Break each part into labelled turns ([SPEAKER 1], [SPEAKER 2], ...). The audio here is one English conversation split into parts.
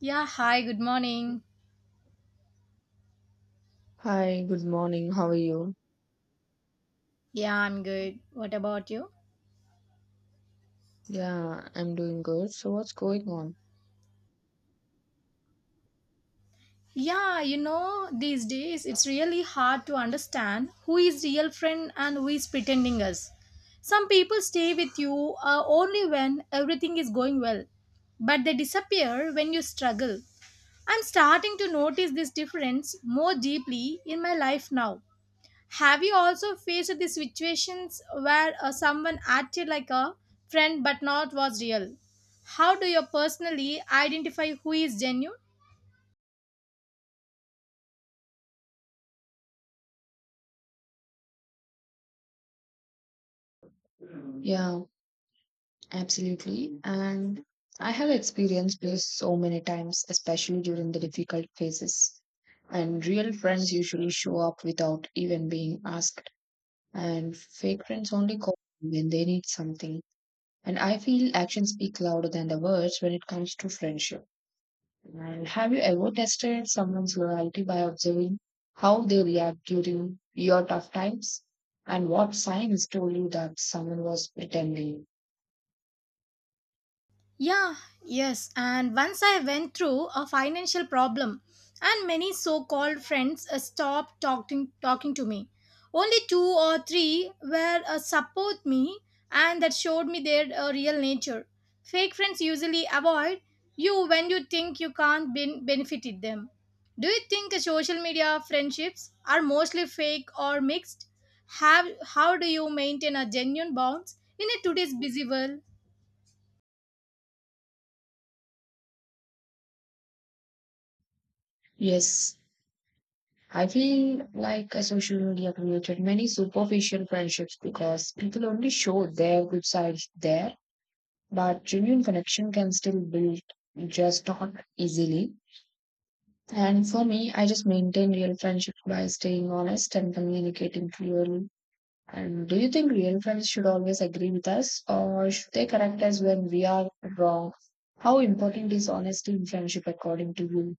[SPEAKER 1] Yeah, hi, good morning.
[SPEAKER 2] Hi, good morning. How are you?
[SPEAKER 1] Yeah, I'm good. What about you?
[SPEAKER 2] Yeah, I'm doing good. So, what's going on?
[SPEAKER 1] Yeah, you know, these days it's really hard to understand who is real friend and who is pretending us. Some people stay with you only when everything is going well, but they disappear when you struggle. I'm starting to notice this difference more deeply in my life now. Have you also faced the situations where someone acted like a friend but not was real? How do you personally identify who is genuine?
[SPEAKER 2] Yeah, absolutely. And I have experienced this so many times, especially during the difficult phases. And real friends usually show up without even being asked. And fake friends only call when they need something. And I feel actions speak louder than the words when it comes to friendship. And have you ever tested someone's loyalty by observing how they react during your tough times? And what signs told you that someone was pretending?
[SPEAKER 1] Yeah, yes. And once I went through a financial problem, and many so called friends stopped talking to me. Only two or three were support me and that showed me their real nature. Fake friends usually avoid you when you think you can't benefit them. Do you think social media friendships are mostly fake or mixed? How do you maintain a genuine bonds in a today's busy world?
[SPEAKER 2] Yes, I feel like a social media created many superficial friendships because people only show their good sides there, but genuine connection can still build, just not easily. And for me, I just maintain real friendship by staying honest and communicating clearly. And do you think real friends should always agree with us, or should they correct us when we are wrong? How important is honesty in friendship according to you?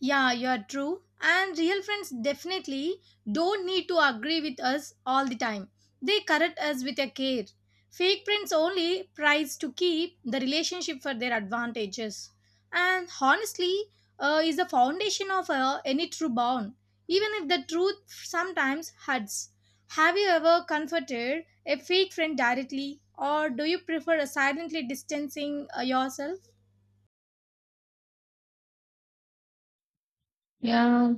[SPEAKER 1] Yeah, you're true. And real friends definitely don't need to agree with us all the time. They correct us with a care. Fake friends only tries to keep the relationship for their advantages. And honestly, is the foundation of any true bond, even if the truth sometimes hurts. Have you ever comforted a fake friend directly, or do you prefer silently distancing yourself?
[SPEAKER 2] Yeah,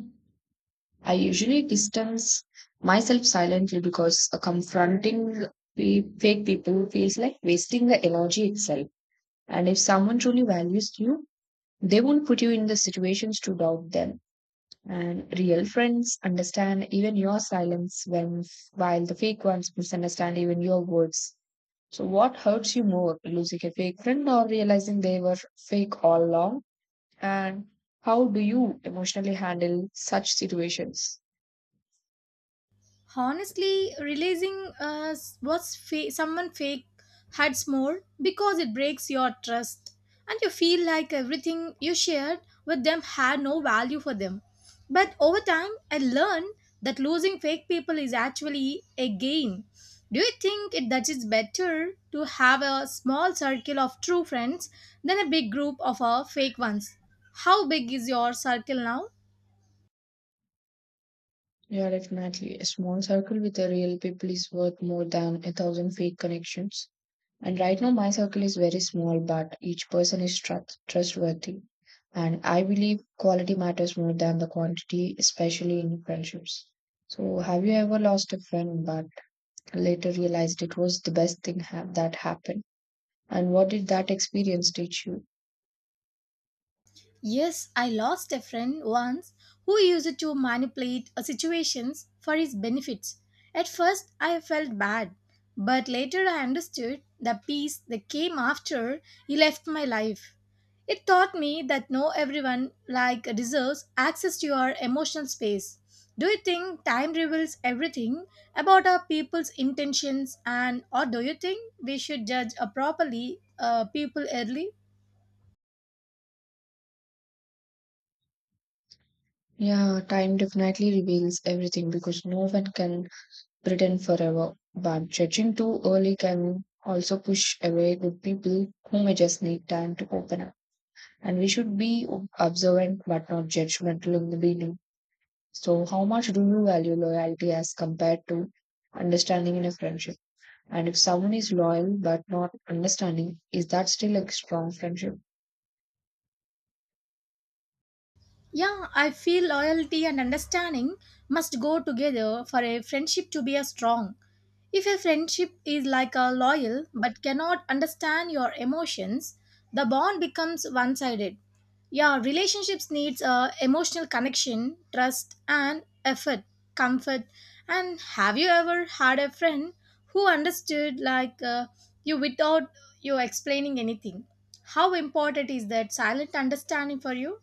[SPEAKER 2] I usually distance myself silently because confronting fake people feels like wasting the energy itself. And if someone truly values you, they won't put you in the situations to doubt them. And real friends understand even your silence, when while the fake ones misunderstand even your words. So what hurts you more, losing a fake friend or realizing they were fake all along? And how do you emotionally handle such situations?
[SPEAKER 1] Honestly realizing someone fake hurts more because it breaks your trust, and you feel like everything you shared with them had no value for them. But over time I learned that losing fake people is actually a gain. Do you think that it's better to have a small circle of true friends than a big group of fake ones? How big is your circle now?
[SPEAKER 2] Yeah, definitely. A small circle with the real people is worth more than a thousand fake connections. And right now, my circle is very small, but each person is trustworthy. And I believe quality matters more than the quantity, especially in friendships. So, have you ever lost a friend but later realized it was the best thing that happened? And what did that experience teach you?
[SPEAKER 1] Yes, I lost a friend once who used to manipulate situations for his benefits. At first, I felt bad, but later I understood the peace that came after he left my life. It taught me that no everyone like deserves access to your emotional space. Do you think time reveals everything about our people's intentions, and or do you think we should judge properly people early?
[SPEAKER 2] Yeah, time definitely reveals everything because no one can pretend forever. But judging too early can also push away good people who may just need time to open up. And we should be observant but not judgmental in the beginning. So, how much do you value loyalty as compared to understanding in a friendship? And if someone is loyal but not understanding, is that still a strong friendship?
[SPEAKER 1] Yeah, I feel loyalty and understanding must go together for a friendship to be a strong. If a friendship is like a loyal but cannot understand your emotions, the bond becomes one-sided. Yeah, relationships needs a emotional connection, trust and effort, comfort. And have you ever had a friend who understood you without you explaining anything? How important is that silent understanding for you?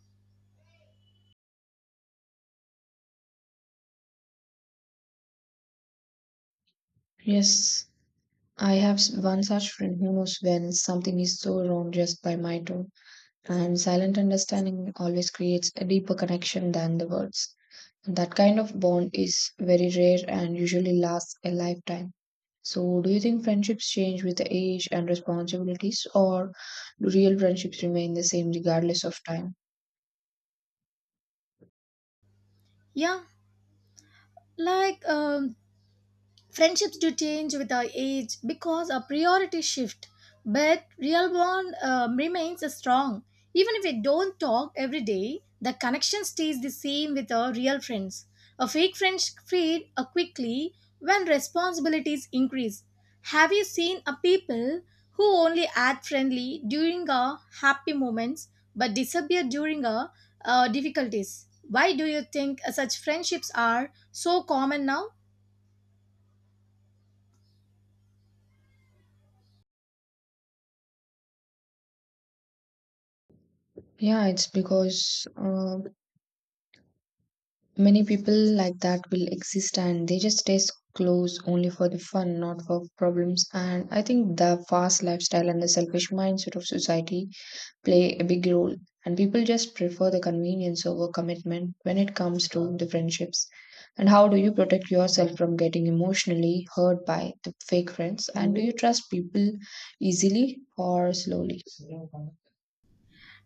[SPEAKER 2] Yes, I have one such friend who knows when something is so wrong just by my tone, and silent understanding always creates a deeper connection than the words. That kind of bond is very rare and usually lasts a lifetime. So, do you think friendships change with the age and responsibilities, or do real friendships remain the same regardless of time?
[SPEAKER 1] Yeah, like um, friendships do change with our age because our priorities shift, but real bond remains strong. Even if we don't talk every day, the connection stays the same with our real friends. A fake friends fade quickly when responsibilities increase. Have you seen a people who only act friendly during our happy moments but disappear during our difficulties? Why do you think such friendships are so common now?
[SPEAKER 2] Yeah, it's because many people like that will exist and they just stay close only for the fun, not for problems. And I think the fast lifestyle and the selfish mindset of society play a big role. And people just prefer the convenience over commitment when it comes to the friendships. And how do you protect yourself from getting emotionally hurt by the fake friends? And do you trust people easily or slowly?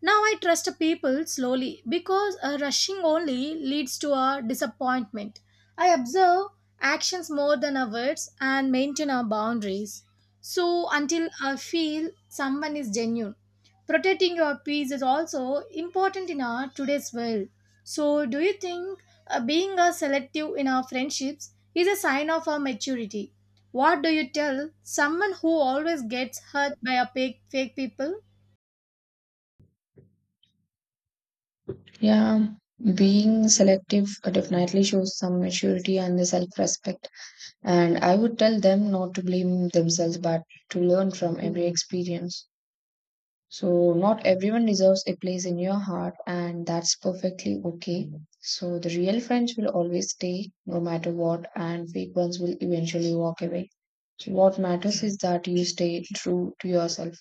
[SPEAKER 1] Now I trust people slowly because rushing only leads to a disappointment. I observe actions more than our words and maintain our boundaries. So until I feel someone is genuine, protecting your peace is also important in our today's world. So do you think being a selective in our friendships is a sign of our maturity? What do you tell someone who always gets hurt by a fake people?
[SPEAKER 2] Yeah, being selective definitely shows some maturity and the self-respect. And I would tell them not to blame themselves, but to learn from every experience. So, not everyone deserves a place in your heart, and that's perfectly okay. So, the real friends will always stay no matter what, and fake ones will eventually walk away. So, what matters is that you stay true to yourself.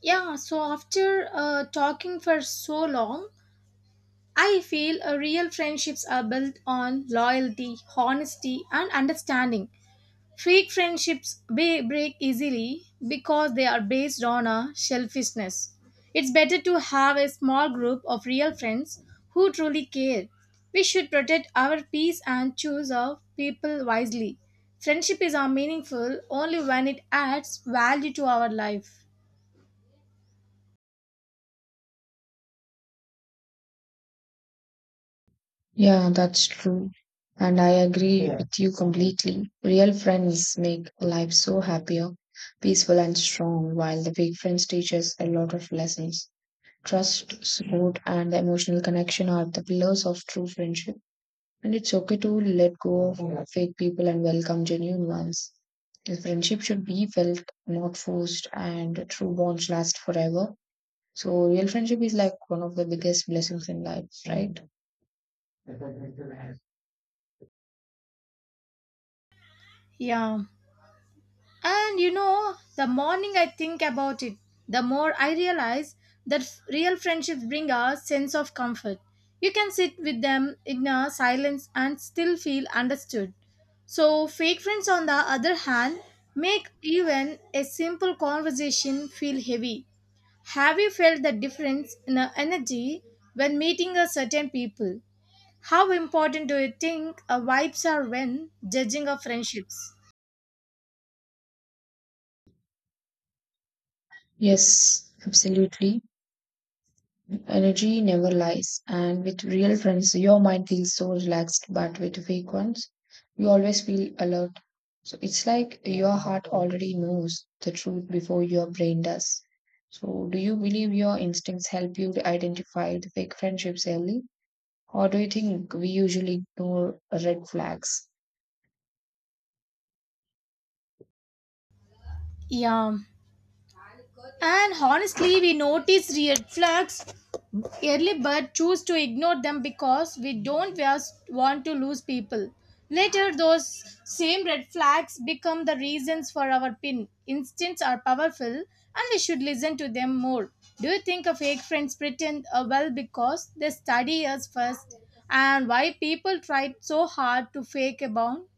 [SPEAKER 1] Yeah, so after talking for so long, I feel real friendships are built on loyalty, honesty, and understanding. Fake friendships break easily because they are based on a selfishness. It's better to have a small group of real friends who truly care. We should protect our peace and choose our people wisely. Friendship is meaningful only when it adds value to our life.
[SPEAKER 2] Yeah, that's true. And I agree with you completely. Real friends make life so happier, peaceful, and strong, while the fake friends teach us a lot of lessons. Trust, support, and emotional connection are the pillars of true friendship. And it's okay to let go of fake people and welcome genuine ones. The friendship should be felt, not forced, and true bonds last forever. So, real friendship is like one of the biggest blessings in life, right?
[SPEAKER 1] Yeah. And you know, the morning I think about it, the more I realize that real friendships bring a sense of comfort. You can sit with them in a silence and still feel understood. So, fake friends, on the other hand, make even a simple conversation feel heavy. Have you felt the difference in the energy when meeting a certain people? How important do you think vibes are when judging of friendships?
[SPEAKER 2] Yes, absolutely. Energy never lies, and with real friends, your mind feels so relaxed, but with fake ones, you always feel alert. So it's like your heart already knows the truth before your brain does. So do you believe your instincts help you to identify the fake friendships early? Or do you think we usually ignore red flags?
[SPEAKER 1] Yeah. And honestly, we notice red flags early but choose to ignore them because we don't just want to lose people. Later, those same red flags become the reasons for our pin. Instincts are powerful and we should listen to them more. Do you think a fake friends pretend well because they study us first? And why people try so hard to fake a bond?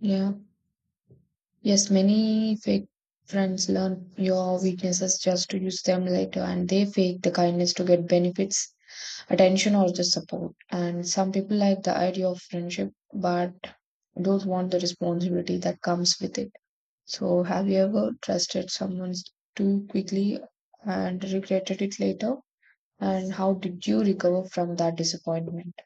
[SPEAKER 2] Yeah. Yes, many fake friends learn your weaknesses just to use them later, and they fake the kindness to get benefits, attention, or just support. And some people like the idea of friendship but don't want the responsibility that comes with it. So, have you ever trusted someone too quickly and regretted it later? And how did you recover from that disappointment?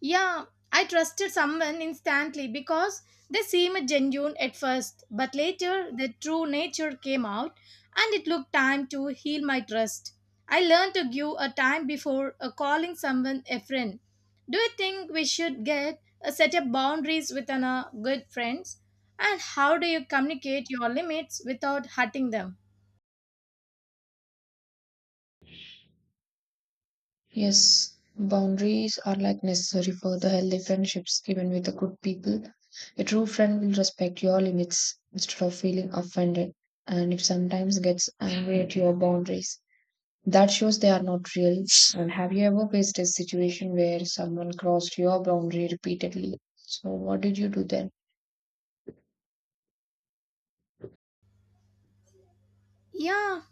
[SPEAKER 1] Yeah, I trusted someone instantly because they seemed genuine at first, but later their true nature came out and it took time to heal my trust. I learned to give a time before calling someone a friend. Do you think we should get set up boundaries with good friends? And how do you communicate your limits without hurting them?
[SPEAKER 2] Yes, boundaries are like necessary for the healthy friendships, even with the good people. A true friend will respect your limits instead of feeling offended, and if sometimes gets angry at your boundaries, that shows they are not real. And have you ever faced a situation where someone crossed your boundary repeatedly? So, what did you do then?
[SPEAKER 1] Yeah,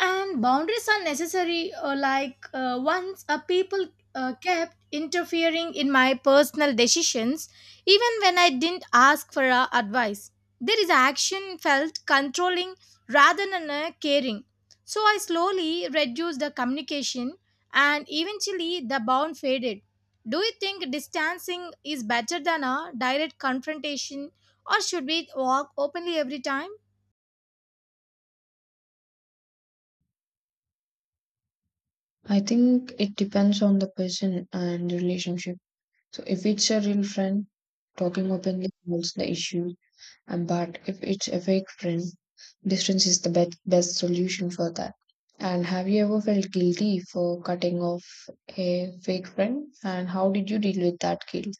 [SPEAKER 1] and boundaries are necessary once a people kept interfering in my personal decisions, even when I didn't ask for advice. There is action felt controlling rather than caring. So I slowly reduced the communication and eventually the bond faded. Do you think distancing is better than a direct confrontation, or should we walk openly every time?
[SPEAKER 2] I think it depends on the person and the relationship. So if it's a real friend, talking openly solves the issue. But if it's a fake friend, distance is the best solution for that. And have you ever felt guilty for cutting off a fake friend? And how did you deal with that guilt?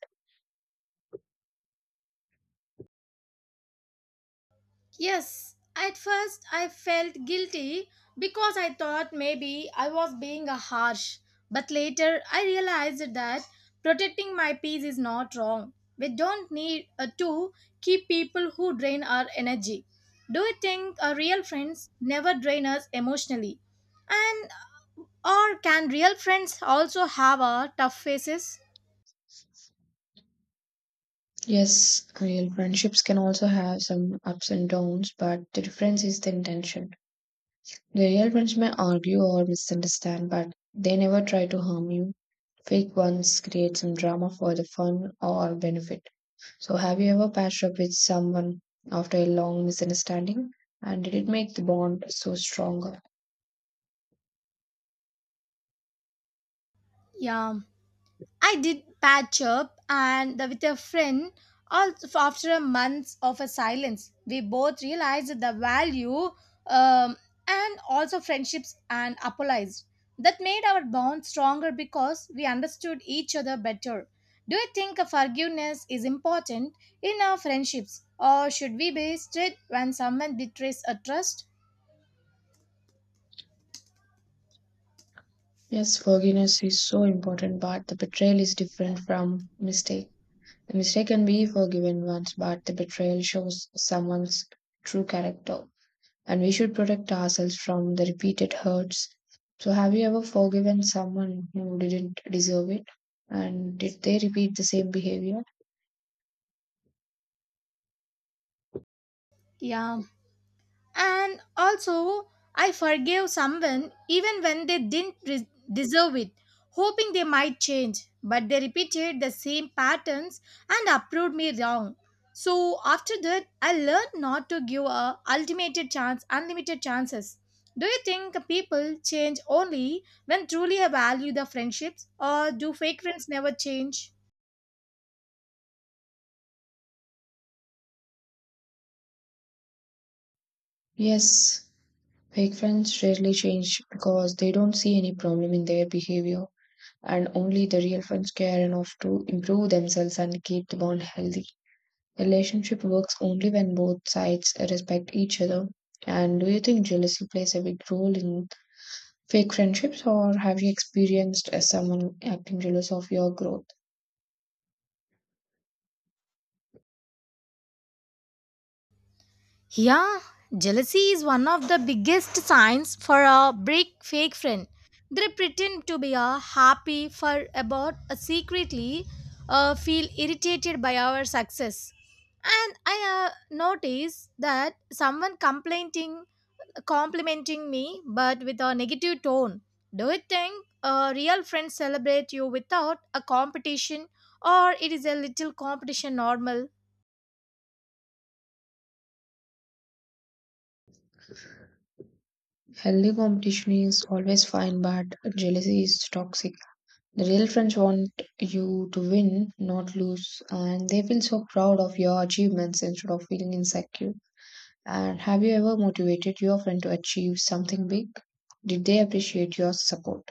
[SPEAKER 1] Yes, at first I felt guilty because I thought maybe I was being a harsh. But later I realized that protecting my peace is not wrong. We don't need to keep people who drain our energy. Do you think real friends never drain us emotionally? And or can real friends also have a tough faces?
[SPEAKER 2] Yes, real friendships can also have some ups and downs, but the difference is the intention. The real friends may argue or misunderstand, but they never try to harm you. Fake ones create some drama for the fun or benefit. So, have you ever patched up with someone after a long misunderstanding? And did it make the bond so stronger?
[SPEAKER 1] Yeah. I did patch up and with a friend also after a month of a silence. We both realized the value um, and also friendships and apologized. That made our bond stronger because we understood each other better. Do you think a forgiveness is important in our friendships, or should we be strict when someone betrays a trust?
[SPEAKER 2] Yes, forgiveness is so important, but the betrayal is different from mistake. The mistake can be forgiven once, but the betrayal shows someone's true character. And we should protect ourselves from the repeated hurts. So, have you ever forgiven someone who didn't deserve it? And did they repeat the same behavior?
[SPEAKER 1] Yeah. And also, I forgave someone even when they didn't deserve it, hoping they might change. But they repeated the same patterns and approved me wrong. So after that, I learned not to give a ultimate chance, unlimited chances. Do you think people change only when truly I value the friendships, or do fake friends never change?
[SPEAKER 2] Yes, fake friends rarely change because they don't see any problem in their behavior, and only the real friends care enough to improve themselves and keep the bond healthy. Relationship works only when both sides respect each other. And do you think jealousy plays a big role in fake friendships, or have you experienced someone acting jealous of your growth?
[SPEAKER 1] Yeah, jealousy is one of the biggest signs for a break fake friend. They pretend to be a happy for about secretly feel irritated by our success. And I noticed that someone complimenting me, but with a negative tone. Do you think real friends celebrate you without a competition, or it is a little competition normal?
[SPEAKER 2] Healthy competition is always fine, but jealousy is toxic. The real friends want you to win, not lose, and they feel so proud of your achievements instead of feeling insecure. And have you ever motivated your friend to achieve something big? Did they appreciate your support?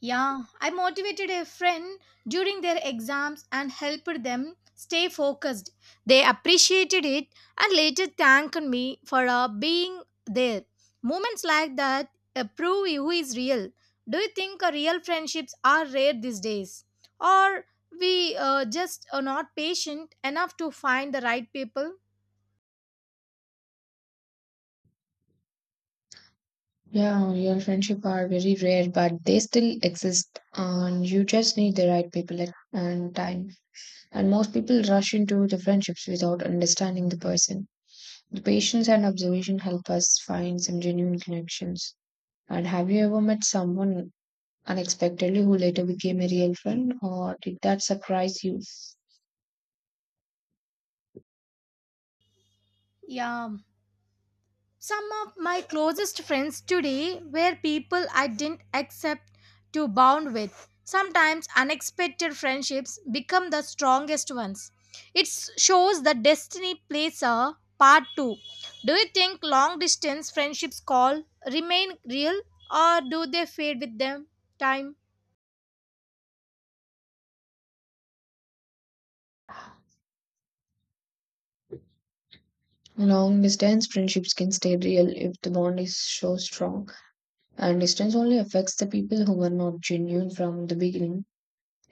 [SPEAKER 1] Yeah, I motivated a friend during their exams and helped them stay focused. They appreciated it and later thanked me for being there. Moments like that prove who is real. Do you think real friendships are rare these days? Or we just are not patient enough to find the right people?
[SPEAKER 2] Yeah, real friendship are very rare, but they still exist, and you just need the right people and time. And most people rush into the friendships without understanding the person. The patience and observation help us find some genuine connections. And have you ever met someone unexpectedly who later became a real friend, or did that surprise you?
[SPEAKER 1] Yeah, some of my closest friends today were people I didn't accept to bond with. Sometimes unexpected friendships become the strongest ones. It shows that destiny plays a part too. Do you think long distance friendships call remain real, or do they fade with them time?
[SPEAKER 2] Long distance friendships can stay real if the bond is so strong, and distance only affects the people who were not genuine from the beginning.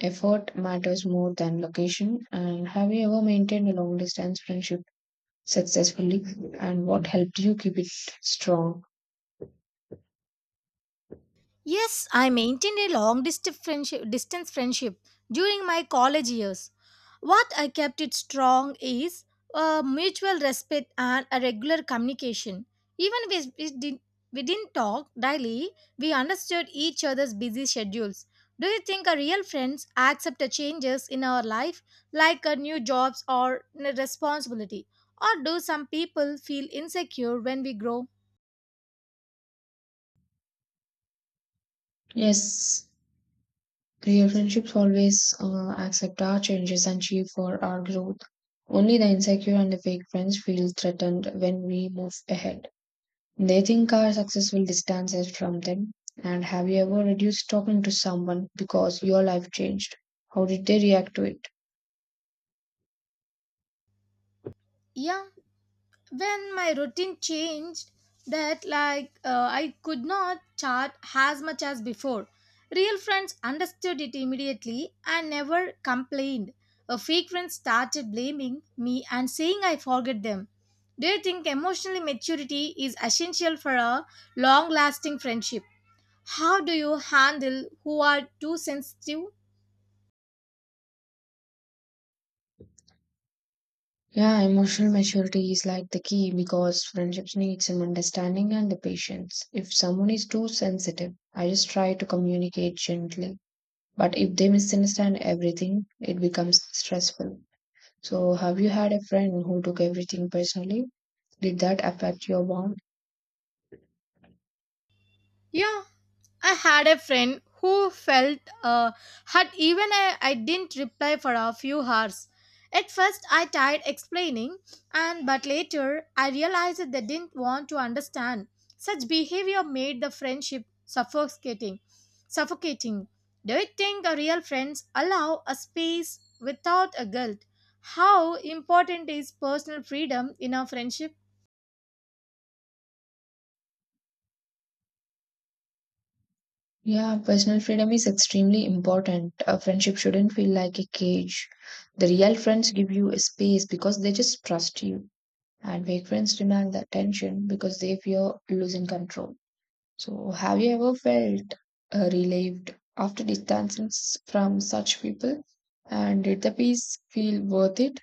[SPEAKER 2] Effort matters more than location. And have you ever maintained a long distance friendship successfully, and what helped you keep it strong?
[SPEAKER 1] Yes, I maintained a distance friendship during my college years. What I kept it strong is mutual respect and a regular communication. Even if we didn't talk daily, we understood each other's busy schedules. Do you think our real friends accept the changes in our life, like our new jobs or responsibility? Or do some people feel insecure when we grow?
[SPEAKER 2] Yes, real friendships always accept our changes and cheer for our growth. Only the insecure and the fake friends feel threatened when we move ahead. They think our success will distance us from them. And have you ever reduced talking to someone because your life changed? How did they react to it?
[SPEAKER 1] Yeah, when my routine changed that I could not chat as much as before, real friends understood it immediately and never complained. A fake friend started blaming me and saying I forget them. Do you think emotional maturity is essential for a long lasting friendship? How do you handle who are too sensitive?
[SPEAKER 2] Yeah, emotional maturity is like the key because friendships need some understanding and the patience. If someone is too sensitive, I just try to communicate gently. But if they misunderstand everything, it becomes stressful. So, have you had a friend who took everything personally? Did that affect your bond?
[SPEAKER 1] Yeah, I had a friend who felt hurt even I didn't reply for a few hours. At first, I tried explaining, and but later I realized that they didn't want to understand. Such behavior made the friendship suffocating. Suffocating. Do you think a real friends allow a space without a guilt? How important is personal freedom in a friendship?
[SPEAKER 2] Yeah, personal freedom is extremely important. A friendship shouldn't feel like a cage. The real friends give you a space because they just trust you, and fake friends demand the attention because they fear losing control. So, have you ever felt relieved after distancing from such people? And did the peace feel worth it?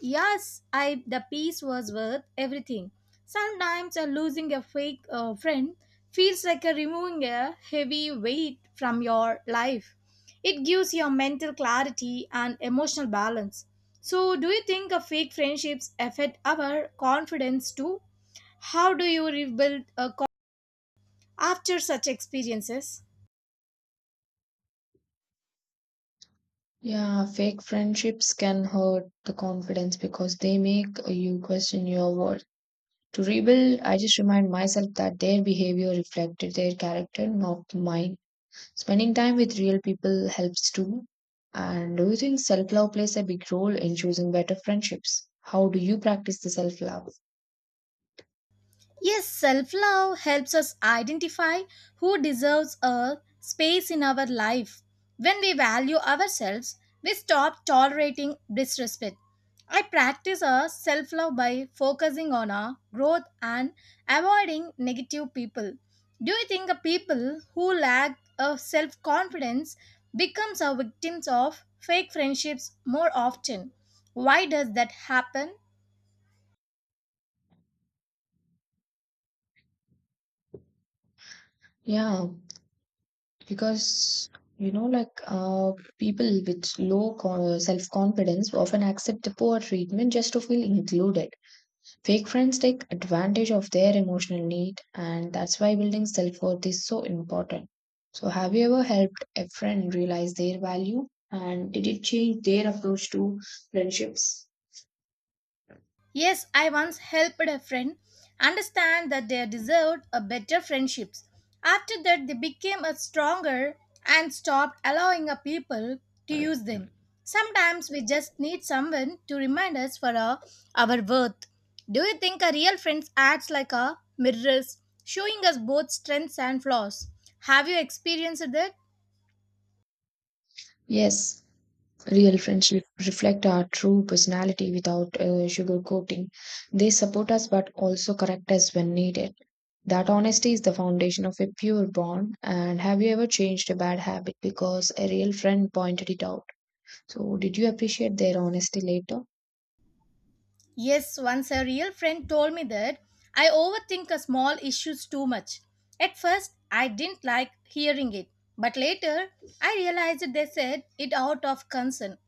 [SPEAKER 1] Yes, I the peace was worth everything. Sometimes losing a fake friend feels like a removing a heavy weight from your life. It gives your mental clarity and emotional balance. So, do you think a fake friendships affect our confidence too? How do you rebuild a co- after such experiences?
[SPEAKER 2] Yeah, fake friendships can hurt the confidence because they make you question your worth. To rebuild, I just remind myself that their behavior reflected their character, not mine. Spending time with real people helps too. And do you think self love plays a big role in choosing better friendships? How do you practice the self love?
[SPEAKER 1] Yes, self love helps us identify who deserves a space in our life. When we value ourselves, we stop tolerating disrespect. I practice a self love by focusing on our growth and avoiding negative people. Do you think a people who lack a self confidence becomes a victims of fake friendships more often? Why does that happen?
[SPEAKER 2] Yeah, because you know like uh, people with low self-confidence often accept the poor treatment just to feel included. Fake friends take advantage of their emotional need, and that's why building self-worth is so important. So have you ever helped a friend realize their value, and did it change their approach to friendships?
[SPEAKER 1] Yes, I once helped a friend understand that they deserved a better friendships. After that, they became a stronger and stopped allowing a people to use them. Sometimes we just need someone to remind us for our worth. Do you think a real friend acts like a mirrors, showing us both strengths and flaws? Have you experienced that?
[SPEAKER 2] Yes, real friends reflect our true personality without sugarcoating. They support us but also correct us when needed. That honesty is the foundation of a pure bond. And have you ever changed a bad habit because a real friend pointed it out? So, did you appreciate their honesty later?
[SPEAKER 1] Yes, once a real friend told me that I overthink a small issues too much. At first, I didn't like hearing it, but later I realized they said it out of concern.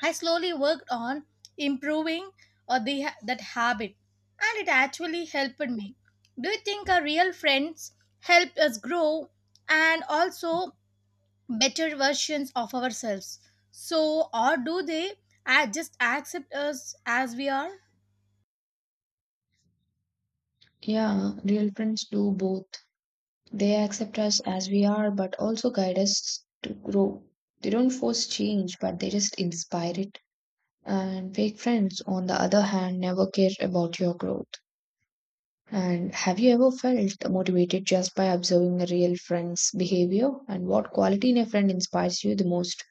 [SPEAKER 1] I slowly worked on improving that habit, and it actually helped me. Do you think our real friends help us grow and also better versions of ourselves? So, or do they just accept us as we are?
[SPEAKER 2] Yeah, real friends do both. They accept us as we are, but also guide us to grow. They don't force change, but they just inspire it. And fake friends, on the other hand, never care about your growth. And have you ever felt motivated just by observing a real friend's behavior? And what quality in a friend inspires you the most?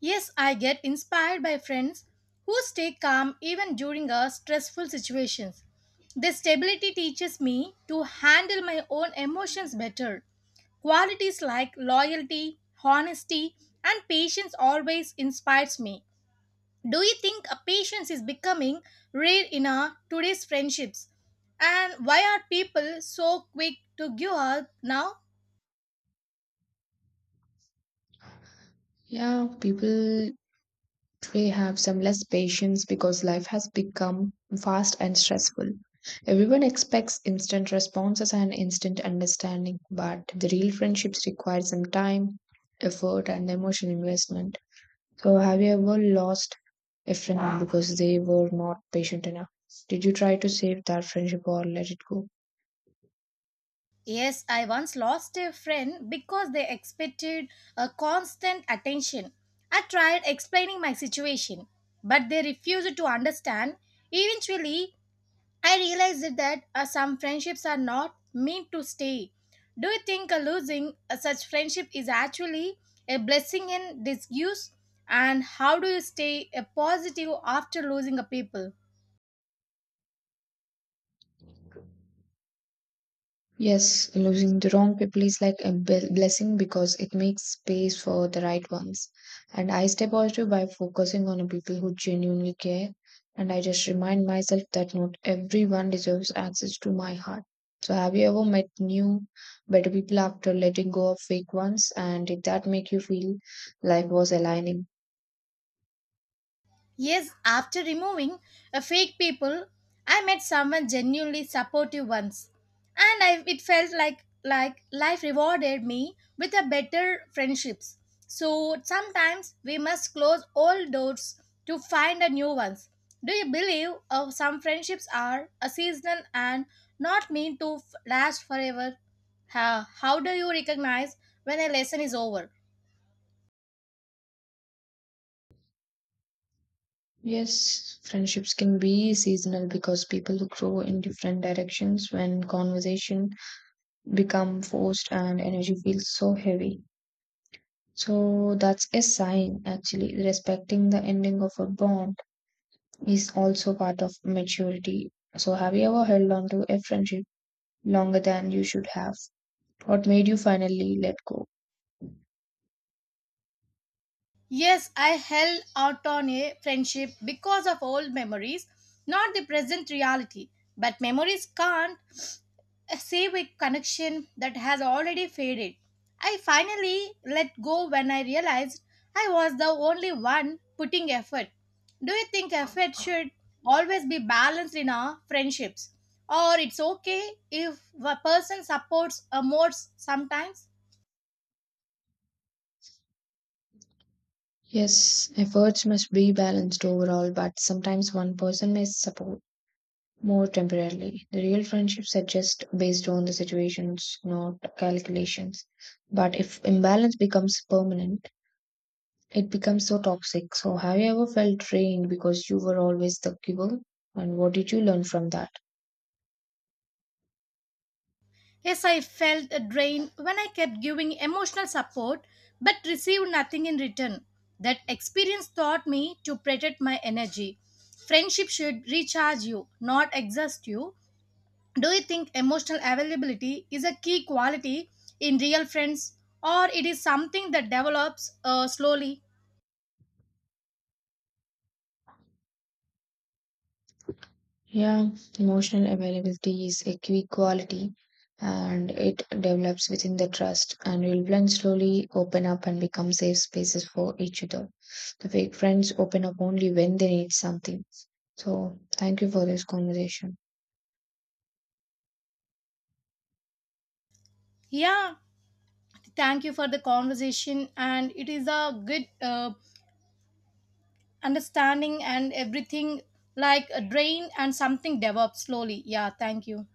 [SPEAKER 1] Yes, I get inspired by friends who stay calm even during a stressful situations. Their stability teaches me to handle my own emotions better. Qualities like loyalty, honesty, and patience always inspires me. Do you think a patience is becoming rare in our today's friendships? And why are people so quick to give up now?
[SPEAKER 2] Yeah, people today have some less patience because life has become fast and stressful. Everyone expects instant responses and instant understanding, but the real friendships require some time, effort, and emotional investment. So, have you ever lost a friend because they were not patient enough? Did you try to save that friendship or let it go?
[SPEAKER 1] Yes, I once lost a friend because they expected a constant attention. I tried explaining my situation, but they refused to understand. Eventually, I realized that some friendships are not meant to stay. Do you think losing such friendship is actually a blessing in disguise? And how do you stay positive after losing a people?
[SPEAKER 2] Yes, losing the wrong people is like a blessing because it makes space for the right ones. And I stay positive by focusing on the people who genuinely care. And I just remind myself that not everyone deserves access to my heart. So, have you ever met new, better people after letting go of fake ones? And did that make you feel life was aligning?
[SPEAKER 1] Yes, after removing a fake people, I met someone genuinely supportive once, and it felt like life rewarded me with a better friendships. So sometimes we must close all doors to find a new ones. Do you believe some friendships are a seasonal and not meant to last forever? How do you recognize when a lesson is over?
[SPEAKER 2] Yes, friendships can be seasonal because people grow in different directions when conversation become forced and energy feels so heavy. So that's a sign actually. Respecting the ending of a bond is also part of maturity. So have you ever held on to a friendship longer than you should have? What made you finally let go?
[SPEAKER 1] Yes, I held out on a friendship because of old memories, not the present reality. But memories can't save a connection that has already faded. I finally let go when I realized I was the only one putting effort. Do you think effort should always be balanced in our friendships? Or it's okay if a person supports a more sometimes?
[SPEAKER 2] Yes, efforts must be balanced overall, but sometimes one person may support more temporarily. The real friendships are just based on the situations, not calculations. But if imbalance becomes permanent, it becomes so toxic. So, have you ever felt drained because you were always the giver? And what did you learn from that?
[SPEAKER 1] Yes, I felt a drain when I kept giving emotional support but received nothing in return. That experience taught me to protect my energy. Friendship should recharge you, not exhaust you. Do you think emotional availability is a key quality in real friends, or it is something that develops slowly?
[SPEAKER 2] Yeah, emotional availability is a key quality, and it develops within the trust and will blend slowly, open up, and become safe spaces for each other. The fake friends open up only when they need something. So, thank you for this conversation.
[SPEAKER 1] Yeah, thank you for the conversation and it is a good understanding and everything like a drain and something develops slowly. Yeah, thank you.